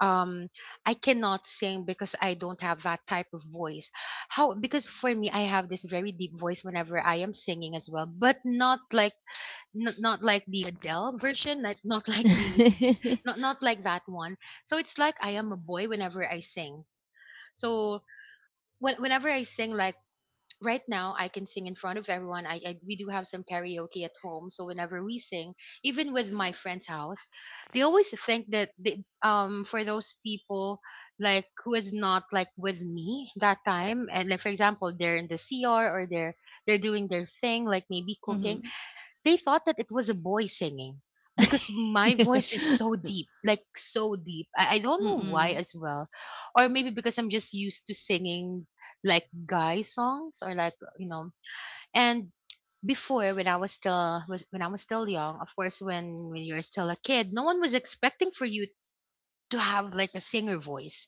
um I cannot sing because I don't have that type of voice. How because for me I have this very deep voice whenever I am singing as well, but not like not, not like the Adele version, like not (laughs) like the (laughs) not, not like that one. So it's like I am a boy whenever I sing. So when, whenever I sing like right now I can sing in front of everyone. I, I we do have some karaoke at home, so whenever we sing, even with my friend's house, they always think that they, um for those people like who is not like with me that time, and like for example they're in the C R or they're they're doing their thing, like maybe cooking. Mm-hmm. They thought that it was a boy singing because my voice is (laughs) so deep, like so deep. I, I don't know why Mm-mm. as well. Or maybe because I'm just used to singing like guy songs or like, you know. And before when I was still was- when I was still young, of course when when you're still a kid, no one was expecting for you to have like a singer voice,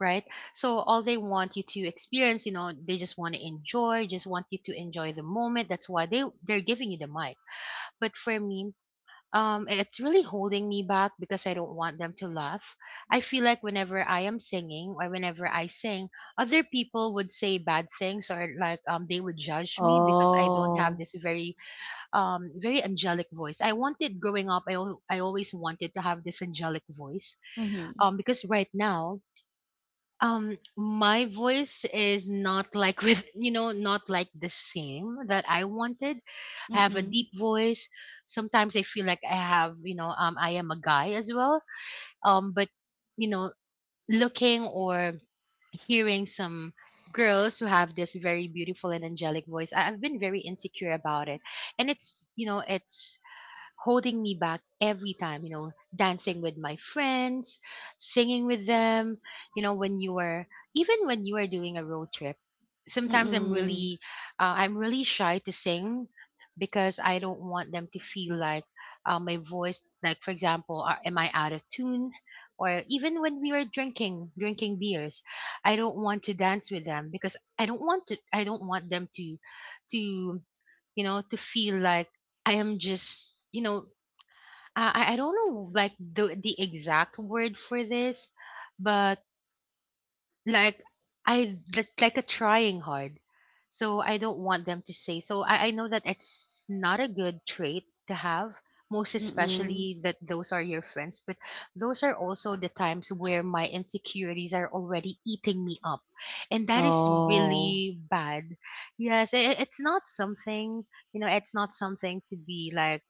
right? So all they want you to experience, you know, they just want to enjoy, just want you to enjoy the moment. That's why they they're giving you the mic. But for me, um, it's really holding me back because I don't want them to laugh. I feel like whenever I am singing or whenever I sing, other people would say bad things or like um they would judge me because I don't have Oh. this very um very angelic voice. I wanted growing up, I al- I always wanted to have this angelic voice. Mm-hmm. Um, because right now, um, my voice is not like (laughs) with you know not like the same that I wanted. I have a deep Mm-mm. voice. Sometimes I feel like I have, you know, um, I am a guy as well. Um, but you know, looking or hearing some girls who have this very beautiful and angelic voice, I, I've been very insecure about it. And it's, you know, it's holding me back every time, you know, dancing with my friends, singing with them, you know, when you are even when you are doing a road trip, sometimes I'm Mm-mm. really uh, I'm really shy to sing because I don't want them to feel like uh, my voice like for example, are, am I out of tune? Or even when we were drinking, drinking beers, I don't want to dance with them because I don't want to I don't want them to to you know to feel like I am just, you know, I I I don't know like the the exact word for this, but like I like like a trying hard. So I don't want them to say. So I, I know that it's not a good trait to have, most Mm-mm. especially that those are your friends, but those are also the times where my insecurities are already eating me up. And that is Oh. really bad. Yes, i i- it's not something, you know, it's not something to be like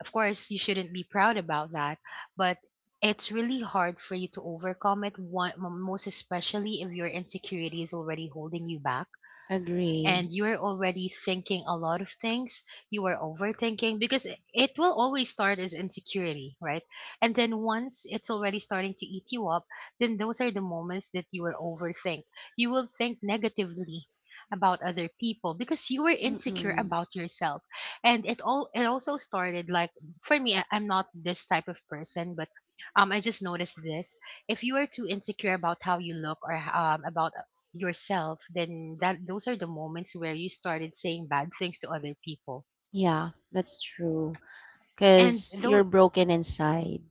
of course, you shouldn't be proud about that, but it's really hard for you to overcome it, one, most especially if your insecurity is already holding you back Agree. and you are already thinking a lot of things. You are overthinking because it it will always start as insecurity, right? And then once it's already starting to eat you up, then those are the moments that you will overthink. You will think negatively about other people because you were insecure Mm-mm. about yourself, and it all it also started like for me, I, I'm not this type of person but um I just noticed this, if you are too insecure about how you look or um about yourself, then that those are the moments where you started saying bad things to other people. Yeah, that's true. And Because though you're broken inside.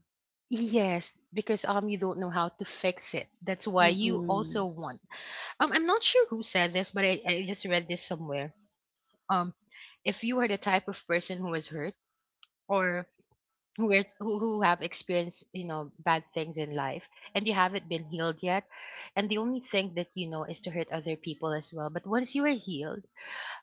yes, because um you don't know how to fix it. That's why you also Mm-mm. want. Um I'm not sure who said this, but I, I just read this somewhere. Um if you are the type of person who was hurt or who is who, who have experienced, you know, bad things in life and you haven't been healed yet, and the only thing that you know is to hurt other people as well. But once you are healed,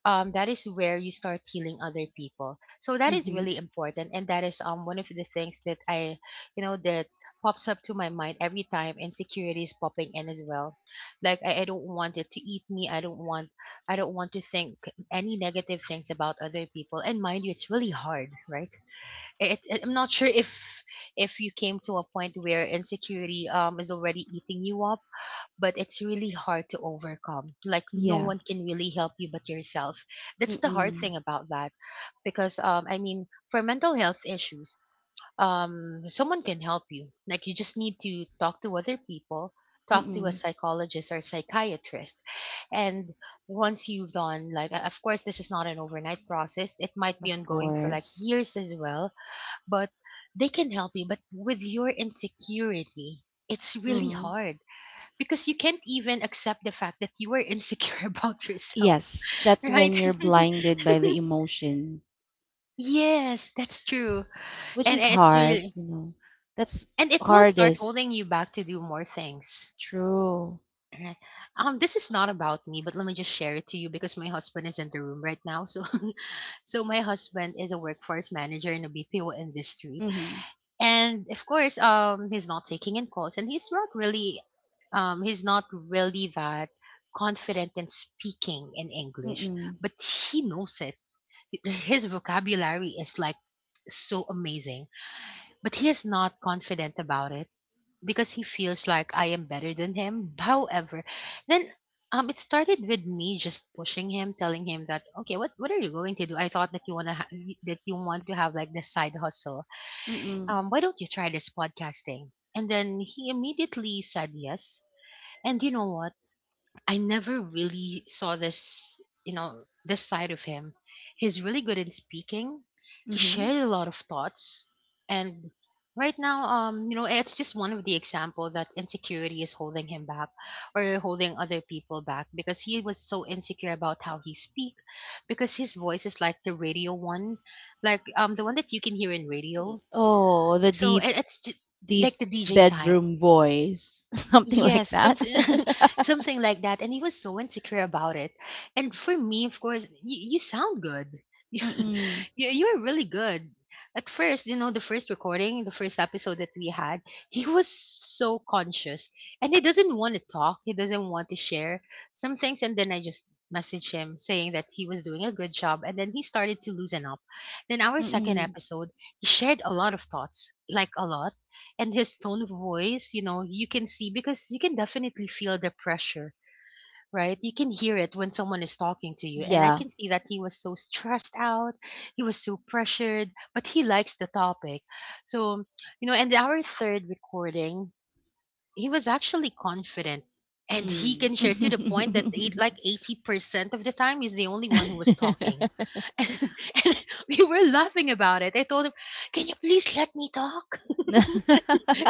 um, that is where you start healing other people. So that is Mm-hmm. really important, and that is um one of the things that I, you know, that pops up to my mind every time insecurity is popping in as well. Like I, I don't want it to eat me. I don't want I don't want to think any negative things about other people. And mind you, it's really hard, right? It, it, I'm not sure if if you came to a point where insecurity um is already eating you up, but it's really hard to overcome. Like no Yeah. one can really help you but yourself. That's the hard Mm-mm. thing about that because um I mean for mental health issues, um someone can help you. Like you just need to talk to other people, talk to a Mm-mm. psychologist or psychiatrist. And once you've done like uh, of course this is not an overnight process. It might be Of ongoing for like course. years as well, but they can help you but with your insecurity it's really Mm-hmm. hard because you can't even accept the fact that you were insecure (laughs) about yourself, Yes, that's when right? you're blinded (laughs) by the emotion, Yes, that's true. which And is it's hard, really you know. That's and it will start hardest. holding you back to do more things. True. Right. Um, this is not about me, but let me just share it to you because my husband is in the room right now. So, (laughs) so my husband is a workforce manager in the B P O industry, Mm-hmm. and of course um he's not taking in calls and he's not really um he's not really that confident in speaking in english, Mm-mm. but he knows it. His vocabulary is like so amazing, but he is not confident about it because he feels like I am better than him. However then um It started with me just pushing him, telling him that, okay, what what are you going to do? I thought that you want to ha- that you want to have like this side hustle. Mm-mm. Um, why don't you try this podcasting? And then he immediately said yes. And you know what? I never really saw this, you know, this side of him. He's really good in speaking. He Mm-hmm. shared a lot of thoughts. And right now, um, you know, it's just one of the example that insecurity is holding him back or holding other people back because he was so insecure about how he speak, because his voice is like the radio one, like um the one that you can hear in radio. Oh, the So deep, and it's j deep Like the D J type. bedroom voice. (laughs) Something like Yes, that. something (laughs) (laughs) something like that. And he was so insecure about it. And for me, of course, y- you sound good. (laughs) you Mm-mm. you're really good. At first, you know, the first recording, the first episode that we had, he was so conscious and he doesn't want to talk. He doesn't want to share some things. And then I just messaged him saying that he was doing a good job. And then he started to loosen up. Then our second Mm. episode, he shared a lot of thoughts, like a lot, and his tone of voice, you know, you can see because you can definitely feel the pressure, right? You can hear it when someone is talking to you. And I Yeah. can see that he was so stressed out, he was so pressured, but he likes the topic. So, you know, and our third recording, he was actually confident. And he Mm. can share to the point that eight, like eighty percent of the time he's the only one who was talking. (laughs) (laughs) And we were laughing about it. I told him, can you please let me talk? (laughs) can you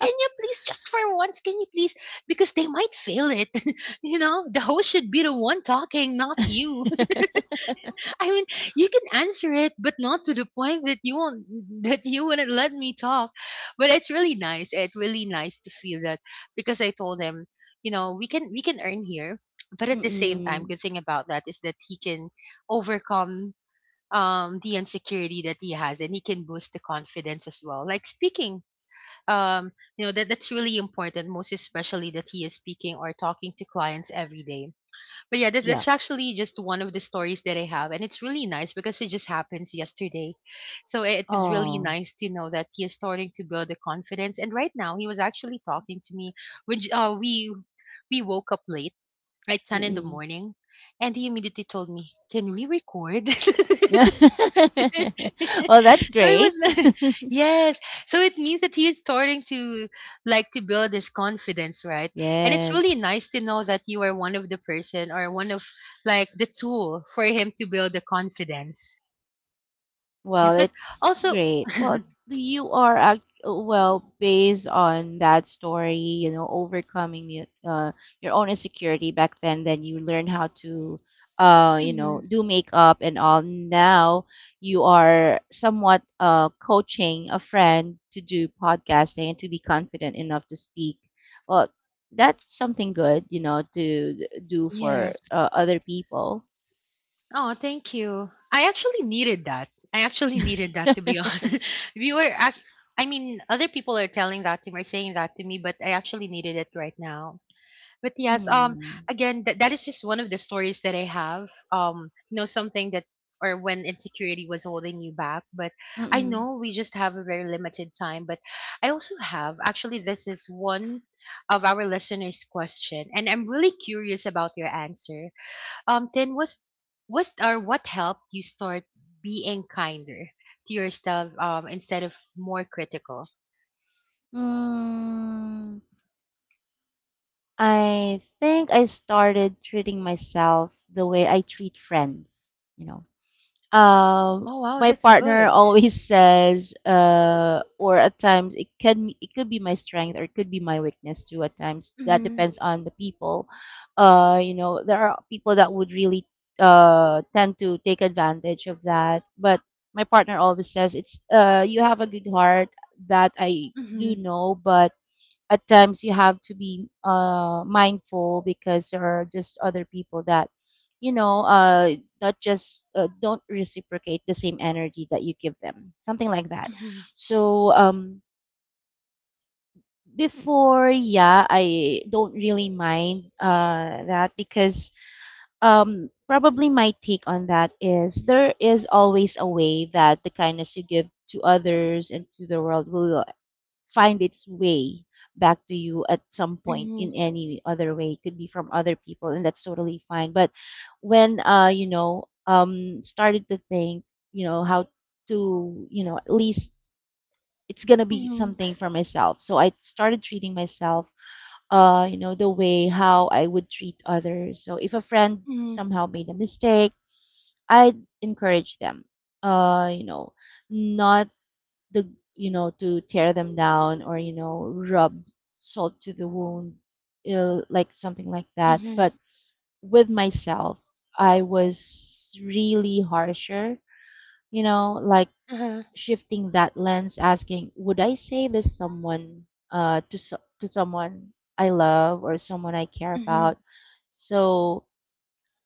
can you please, just for once, can you please, because they might feel it. (laughs) You know, the host should be the one talking, not you. (laughs) I mean, you can answer it, but not to the point that you won't (laughs) that you wouldn't let me talk. But it's really nice, it's really nice to feel that because I told him, you know, we can we can earn here, but at the same time, Mm. good thing about that is that he can overcome um the insecurity that he has, and he can boost the confidence as well, like speaking. um you know, that that's really important, most especially that he is speaking or talking to clients every day. But yeah, (laughs) that's, Yeah. that's actually just one of the stories that I have, and it's really nice because it just happens yesterday. So it, it was really Oh. nice to know that he is starting to build the confidence, and right now he was actually talking to me, which uh, we we woke up late, like ten in the Mm. morning, and he immediately told me, can we record? (laughs) (laughs) So (laughs) it Well, that's was great. like, (laughs) (laughs) yes. So it means that he is starting to like to build his confidence, right? And it's really Yes. nice to know that you are one of the person, or one of like the tool for him to build the confidence. Well, Yes, but it's also, great. (laughs) Well, you are act well, based on that story, you know, overcoming your, uh, your own insecurity back then. Then you learn how to, uh, you know, mhm, do makeup and all. Now you are somewhat uh coaching a friend to do podcasting and to be confident enough to speak. Well, that's something good, you know, to do for, yes. uh, other people. Oh, thank you. I actually needed that. I actually needed that, to be (laughs) honest. (laughs) We were, act- I mean, other people are telling that to me, or saying that to me, but I actually needed it right now. But yes, um, Hmm. again, that that is just one of the stories that I have. Um, you know, something that or when insecurity was holding you back. But I Mm-mm. know we just have a very limited time. But I also have, actually, this is one of our listeners' question, and I'm really curious about your answer. Um, then was was or what helped you start being kinder to yourself um instead of more critical? Mm, I think I started treating myself the way I treat friends, you know. Um, Oh wow, my that's partner good. always (laughs) says, uh, or at times it can, it could be my strength, or it could be my weakness too. At times that Mm-hmm. depends on the people. Uh, you know, there are people that would really uh tend to take advantage of that, but my partner always says it's, uh you have a good heart that I do Mm-hmm. know, but at times you have to be, uh, mindful, because there are just other people that, you know uh, not just, uh, don't reciprocate the same energy that you give them, something like that. Mm-hmm. So um, before, yeah, I don't really mind, uh, that, because um, probably my take on that is there is always a way that the kindness you give to others and to the world will find its way back to you at some point in any other way. It could be from other people, and that's totally fine. But when, uh, you know, um, started to think, you know, how to, you know, at least, it's gonna be Mm-hmm. something for myself. So I started treating myself, uh, you know, the way how I would treat others. So if a friend Mhm, somehow made a mistake, I'd encourage them. Uh, you know, not the you know, to tear them down, or you know, rub salt to the wound, ill, like something like that. But mhm, with myself, I was really harsher, you know, like uh-huh, shifting that lens, asking, would I say this someone, uh to so- to someone I love or someone I care mhm, about? So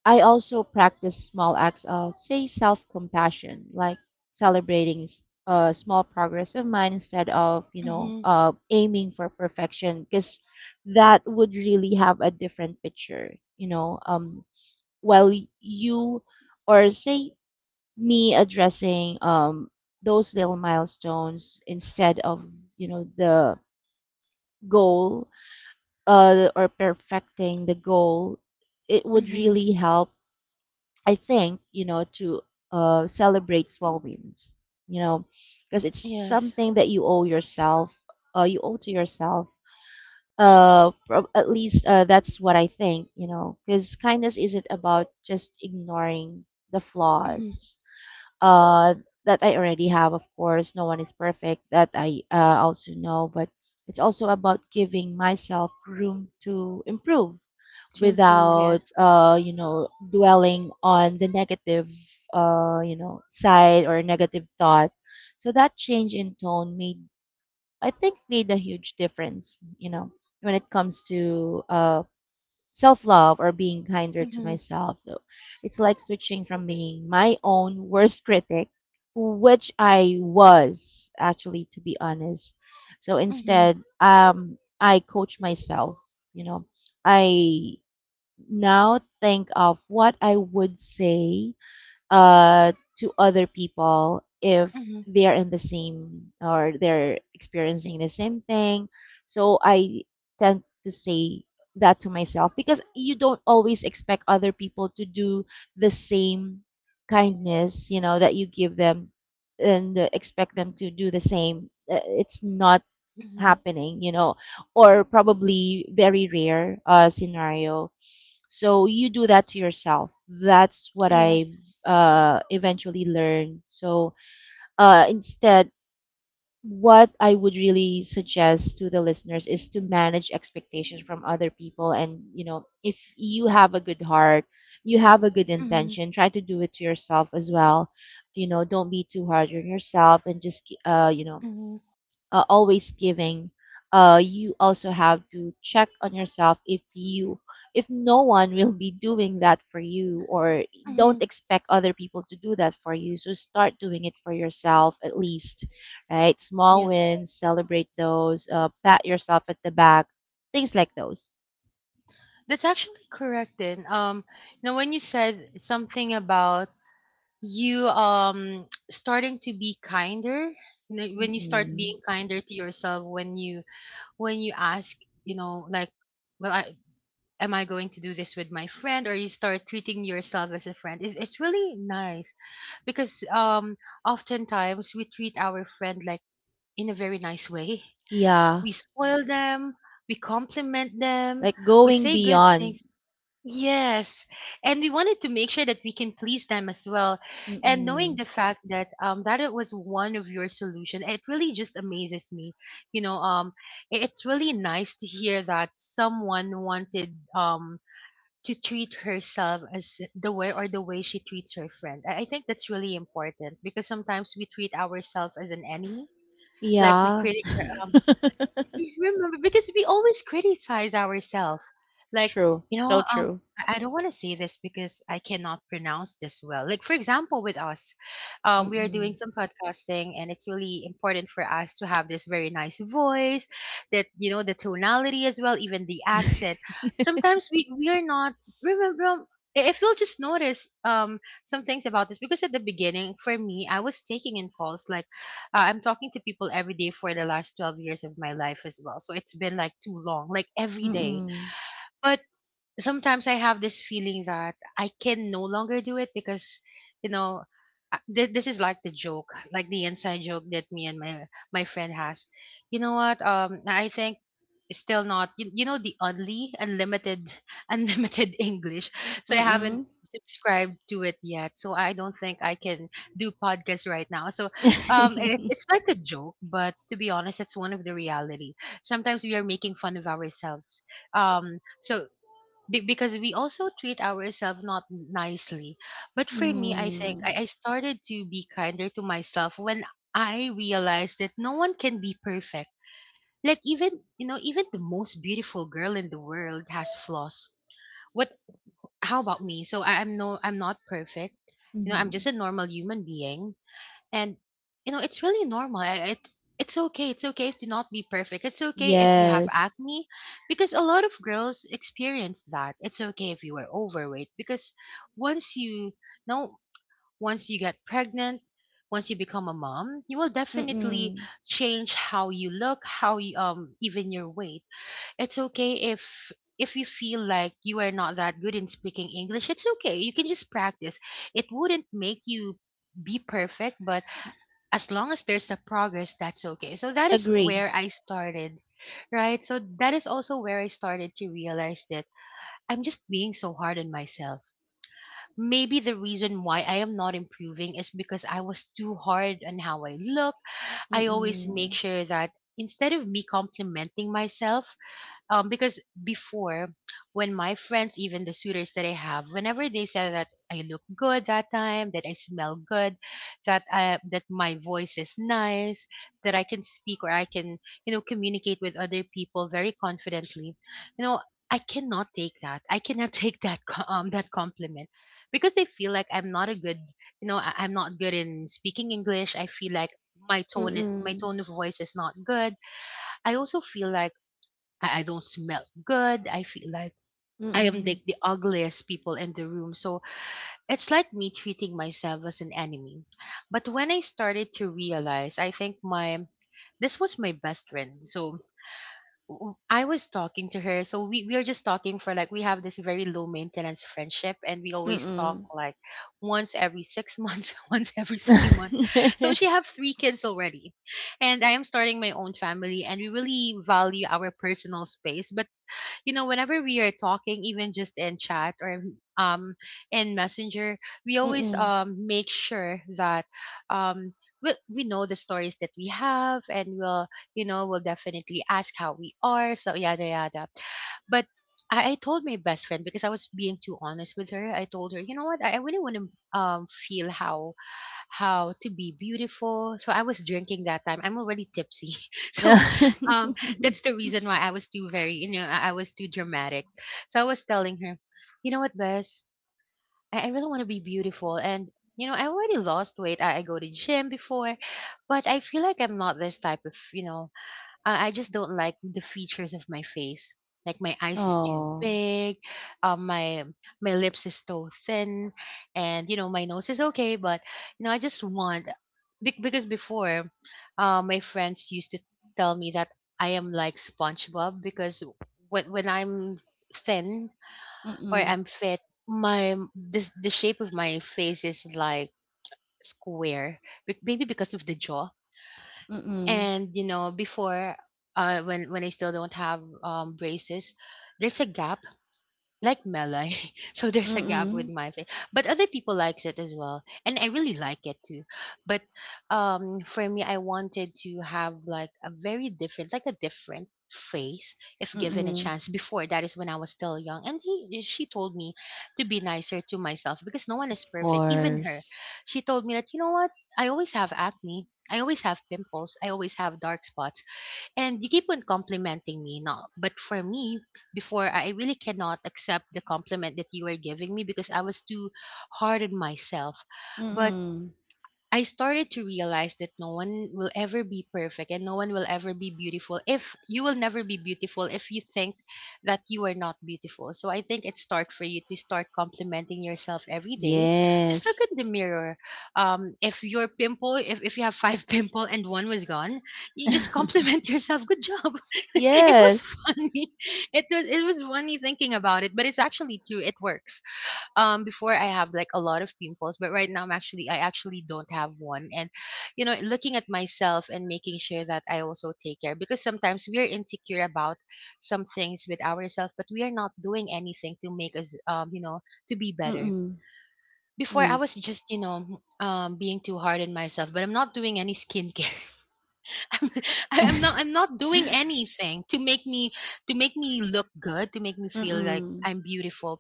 I also practice small acts of, say, self compassion, like celebrating s- a small progress of mine, instead of, you know, mhm, uh, aiming for perfection, because that would really have a different picture, you know. Um, while y- you, or say, me addressing, um, those little milestones, instead of, you know, the goal, uh, or perfecting the goal, it would mhm, really help, I think, you know, to, uh, celebrate small wins, you know, because it's yes, something that you owe yourself, uh, you owe to yourself. Uh, prob- at least, uh, that's what I think, you know, because kindness isn't about just ignoring the mhm, flaws, uh, that I already have. Of course, no one is perfect, that I, uh, also know, but it's also about giving myself room to improve to improve, without, yes, uh you know, dwelling on the negative, uh you know, side, or negative thought. So that change in tone made, I think, made a huge difference, you know, when it comes to, uh self love or being kinder to mhm, myself. So it's like switching from being my own worst critic, which I was, actually, to be honest. So mhm, instead, um I coach myself. You know, I now think of what I would say, uh, to other people if mhm, they're in the same, or they're experiencing the same thing. So I tend to say that to myself, because you don't always expect other people to do the same kindness, you know, that you give them, and uh, expect them to do the same. Uh, It's not mhm, happening, you know, or probably very rare, uh, scenario. So you do that to yourself. That's what yes, I've, uh, eventually learned. So, uh, instead, what I would really suggest to the listeners is to manage expectations from other people. And, you know, if you have a good heart, you have a good mhm, intention, try to do it to yourself as well. You know, don't be too hard on yourself, and just, uh, you know, mhm, uh, always giving, uh, you also have to check on yourself. If you if no one will be doing that for you, or don't mhm, expect other people to do that for you, so start doing it for yourself at least, right? Small yes. wins, celebrate those, uh, pat yourself at the back, things like those. That's actually correct. Then, um, now when you said something about you um (tsk) starting to be kinder, you know, when you start Mm-mm. being kinder to yourself, when you when you ask, you know, like, well, I am I going to do this with my friend, or you start treating yourself as a friend, is it's really nice because um oftentimes we treat our friend like in a very nice way, Yeah, we spoil them, we compliment them, like we going say good beyond. things, yes, and we wanted to make sure that we can please them as well. And knowing Mm-mm. the fact that um that it was one of your solution, it really just amazes me, you know. Um i- it's really nice to hear that someone wanted um to treat herself as the way, or the way she treats her friend. I, I think that's really important because sometimes we treat ourselves as an enemy, like we Yeah. critic you (laughs) remember, because we always criticize ourselves. Like, True. you know, So um true. I I don't want to say this because I cannot pronounce this well. Like for example with us, um we are doing Mm-mm. some podcasting, and it's really important for us to have this very nice voice, that you know, the tonality as well, even the accent. (laughs) Sometimes we we are not remember um, i- if you'll just notice um some things about this. Because at the beginning for me, I was taking in calls, like uh, I'm talking to people every day for the last twelve years of my life as well. So it's been like too long, like every day. Mm. But sometimes I have this feeling that I can no longer do it because, you know, uh, thi- this is like the joke, like the inside joke that me and my my friend has. You know what? Um, I think still not. You, you know the only unlimited (laughs) unlimited English. So I haven't Mm. subscribed to it yet. So I don't think I can do podcasts right now. So um, it, (laughs) it's like a joke, but to be honest, it's one of the reality. Sometimes we are making fun of ourselves. Um, so be- because we also treat ourselves not nicely. But for me, I think Mm. I, I started to be kinder to myself when I realized that no one can be perfect. Like even, you know, even the most beautiful girl in the world has flaws. What How about me? So I, I'm no I'm not perfect. You know, I'm just Mhm. a normal human being and you know it's really normal I- it it's okay, it's okay if to not be perfect. It's okay if you have Yes. acne because a lot of girls experience that. It's okay if you are overweight because once you know, once you get pregnant, once you become a mom, you will definitely Mm. change how you look, how you um even your weight. It's okay if if you feel like you are not that good in speaking English. It's okay, you can just practice. It wouldn't make you be perfect, but as long as there's a progress, that's okay. So that is Agree. where I started, right? So that is also where I started to realize that I'm just being so hard on myself. Maybe the reason why I am not improving is because I was too hard on how I look. I always make Mm. sure that instead of me complimenting myself, um because before, when my friends, even the suitors that I have, whenever they said that I look good that time, that I smell good, that I, that my voice is nice, that I can speak or I can, you know, communicate with other people very confidently, you know, I cannot take that, I cannot (laughs) take that co- um that compliment because I feel like I'm not a good, you know I, I'm not good in speaking English. I feel like my tone, my Mm. tone of voice is not good. I also feel like I, I don't smell good. I feel like I am Mm. like the ugliest people in the room. So it's like me treating myself as an enemy. But when I started to realize, I think my this was my best friend. So w- I was talking to her. So we, we are just talking for like, we have this very low maintenance friendship and we Mm. always talk Mm. like once every six months, (laughs) once every three months. So Mm. (laughs) she have three kids already. And I am starting my own family and we really value our personal space. But you know, whenever we are talking, even just in chat or um in messenger, we always um make sure that um we, we know the stories that we have, and we'll, you know, we'll definitely ask how we are, so yada yada. But I, I told my best friend because I was being too honest with her. I told her, you know what? I, I really want to um feel how how to be beautiful. So I was drinking that time. I'm already tipsy. (laughs) So um (laughs) that's the reason why I was too very, you know I, I was too dramatic. So I was telling her, you know what, Bess? I, I really want to be beautiful. And you know, I already lost weight. I, I go to gym before, but I feel like I'm not this type of, you know, uh, I just don't like the features of my face. Like my eyes is too Oh. big, um, my my lips is so thin, and you know my nose is okay, but you know I just want bec- because before, uh, my friends used to tell me that I am like SpongeBob because when when I'm thin or Mm. I'm fit, my this the shape of my face is like square. Be- maybe because of the jaw. Mm. And you know before, uh when when I still don't have um braces, there's a gap like melon. (laughs) So there's a gap with Mm. my face. But other people likes it as well. And I really like it too. But um for me, I wanted to have like a very different, like a different face if given a Mm. (laughs) chance before. That is when I was still young, and he she told me to be nicer to myself because no one is Of perfect, even her. course. She told me that, you know what, I always have acne, I always have pimples, I always have dark spots, and you keep on complimenting me now. But for me, before, I really cannot accept the compliment that you were giving me because I was too hard on myself. But Mm. I started to realize that no one will ever be perfect, and no one will ever be beautiful. If you will never be beautiful if you think that you are not beautiful. So I think it's start for you to start complimenting yourself every day. Just look Yes. in the mirror. Um, if your pimple, if, if you have five (laughs) pimple and one was gone, you just (laughs) compliment (laughs) yourself. Good job. (laughs) It was Yes. funny. It was, it was funny thinking about it, but it's actually true. It works. um before, I have like a lot of pimples, but right now I'm actually, I actually don't have one. And you know, looking at myself and making sure that I also take care, because sometimes we are insecure about some things with ourselves, but we are not doing anything to make us um you know, to be better. Mm. Before, I Yes. was just, you know, um being too hard on myself, but I'm not doing any skincare. (laughs) I'm, I'm not I'm not (laughs) doing anything to make me to make me look good, to make me feel like Mm. I'm beautiful.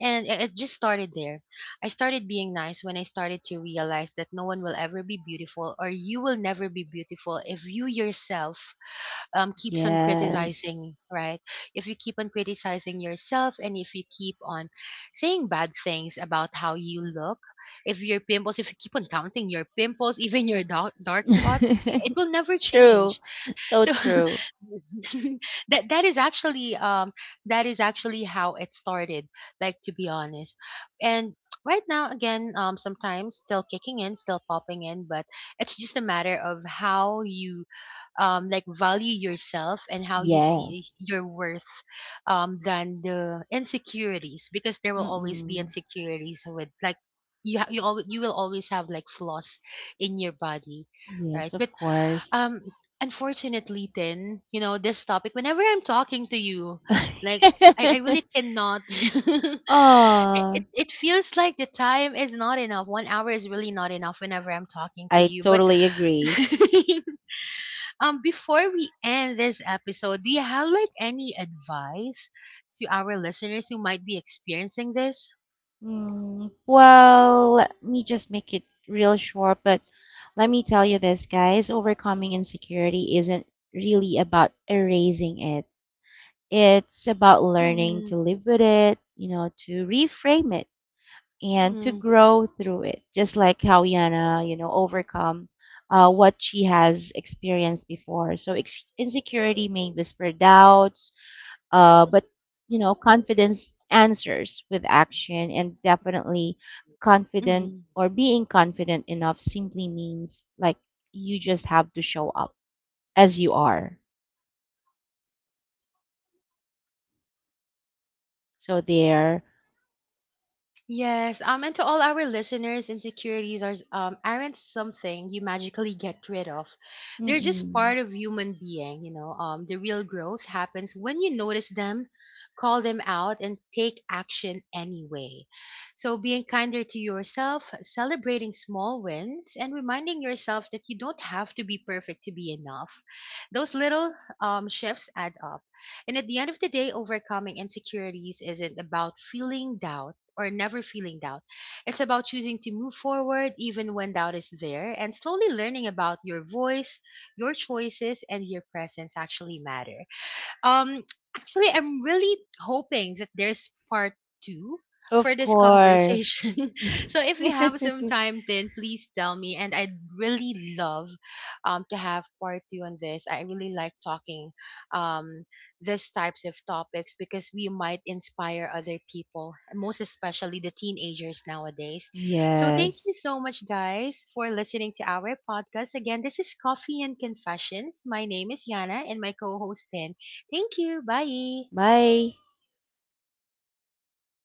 And it, it just started there. I started being nice when I started to realize that no one will ever be beautiful, or you will never be beautiful if you yourself, um, keeps on Yes. criticizing, right? If you keep on criticizing yourself, and if you keep on saying bad things about how you look, if your pimples, if you keep on counting your pimples, (laughs) even your dark, dark spots, (laughs) it will never True. change. So So true. (laughs) that that is actually um that is actually how it started. Like to be honest, and right now again, um sometimes still kicking in, still popping in, but it's just a matter of how you um, like value yourself and how you see Yes. your worth, um, than the insecurities, because there will always be Mm-mm. insecurities with like, you ha- you always, you will always have like flaws in your body, right? Yes, But of course. um unfortunately then, you know, this topic whenever I'm talking to you, like i, I really (laughs) cannot (laughs) it, it Oh, it feels like the time is not enough, one hour is really not enough whenever I'm talking to I you, but totally agree. (laughs) Um, before we end this episode, do you have like any advice to our listeners who might be experiencing this? Mm, well, let me just make it real short, but let me tell you this, guys, overcoming insecurity isn't really about erasing it. It's about learning to Mm-hmm, live with it, you know, to reframe it, and to grow through it, just like how Yana, you know, overcome, uh, what she has experienced before. So ex- insecurity may whisper doubts, uh, but you know, confidence answers with action. And definitely, confident mm-hmm. or being confident enough simply means like you just have to show up as you are. So there, Yes, um, and to all our listeners, insecurities are um aren't something you magically get rid of. They're just Mm-mm. part of human being, you know. Um, the real growth happens when you notice them, call them out, and take action anyway. So being kinder to yourself, celebrating small wins, and reminding yourself that you don't have to be perfect to be enough. Those little um shifts add up. And at the end of the day, overcoming insecurities isn't about feeling doubt or never feeling doubt. It's about choosing to move forward even when doubt is there, and slowly learning about your voice, your choices, and your presence actually matter. Um, actually, I'm really hoping that there's part two for Of this conversation. course. (laughs) So if you have some (laughs) time, then please tell me. And I'd really love um to have part two on this. I really like talking um these types of topics because we might inspire other people, most especially the teenagers nowadays. So thank you Yes. so much, guys, for listening to our podcast. Again, this is Coffee and Confessions. My name is Yana, and my co-host Dan. Thank you. Bye. Bye.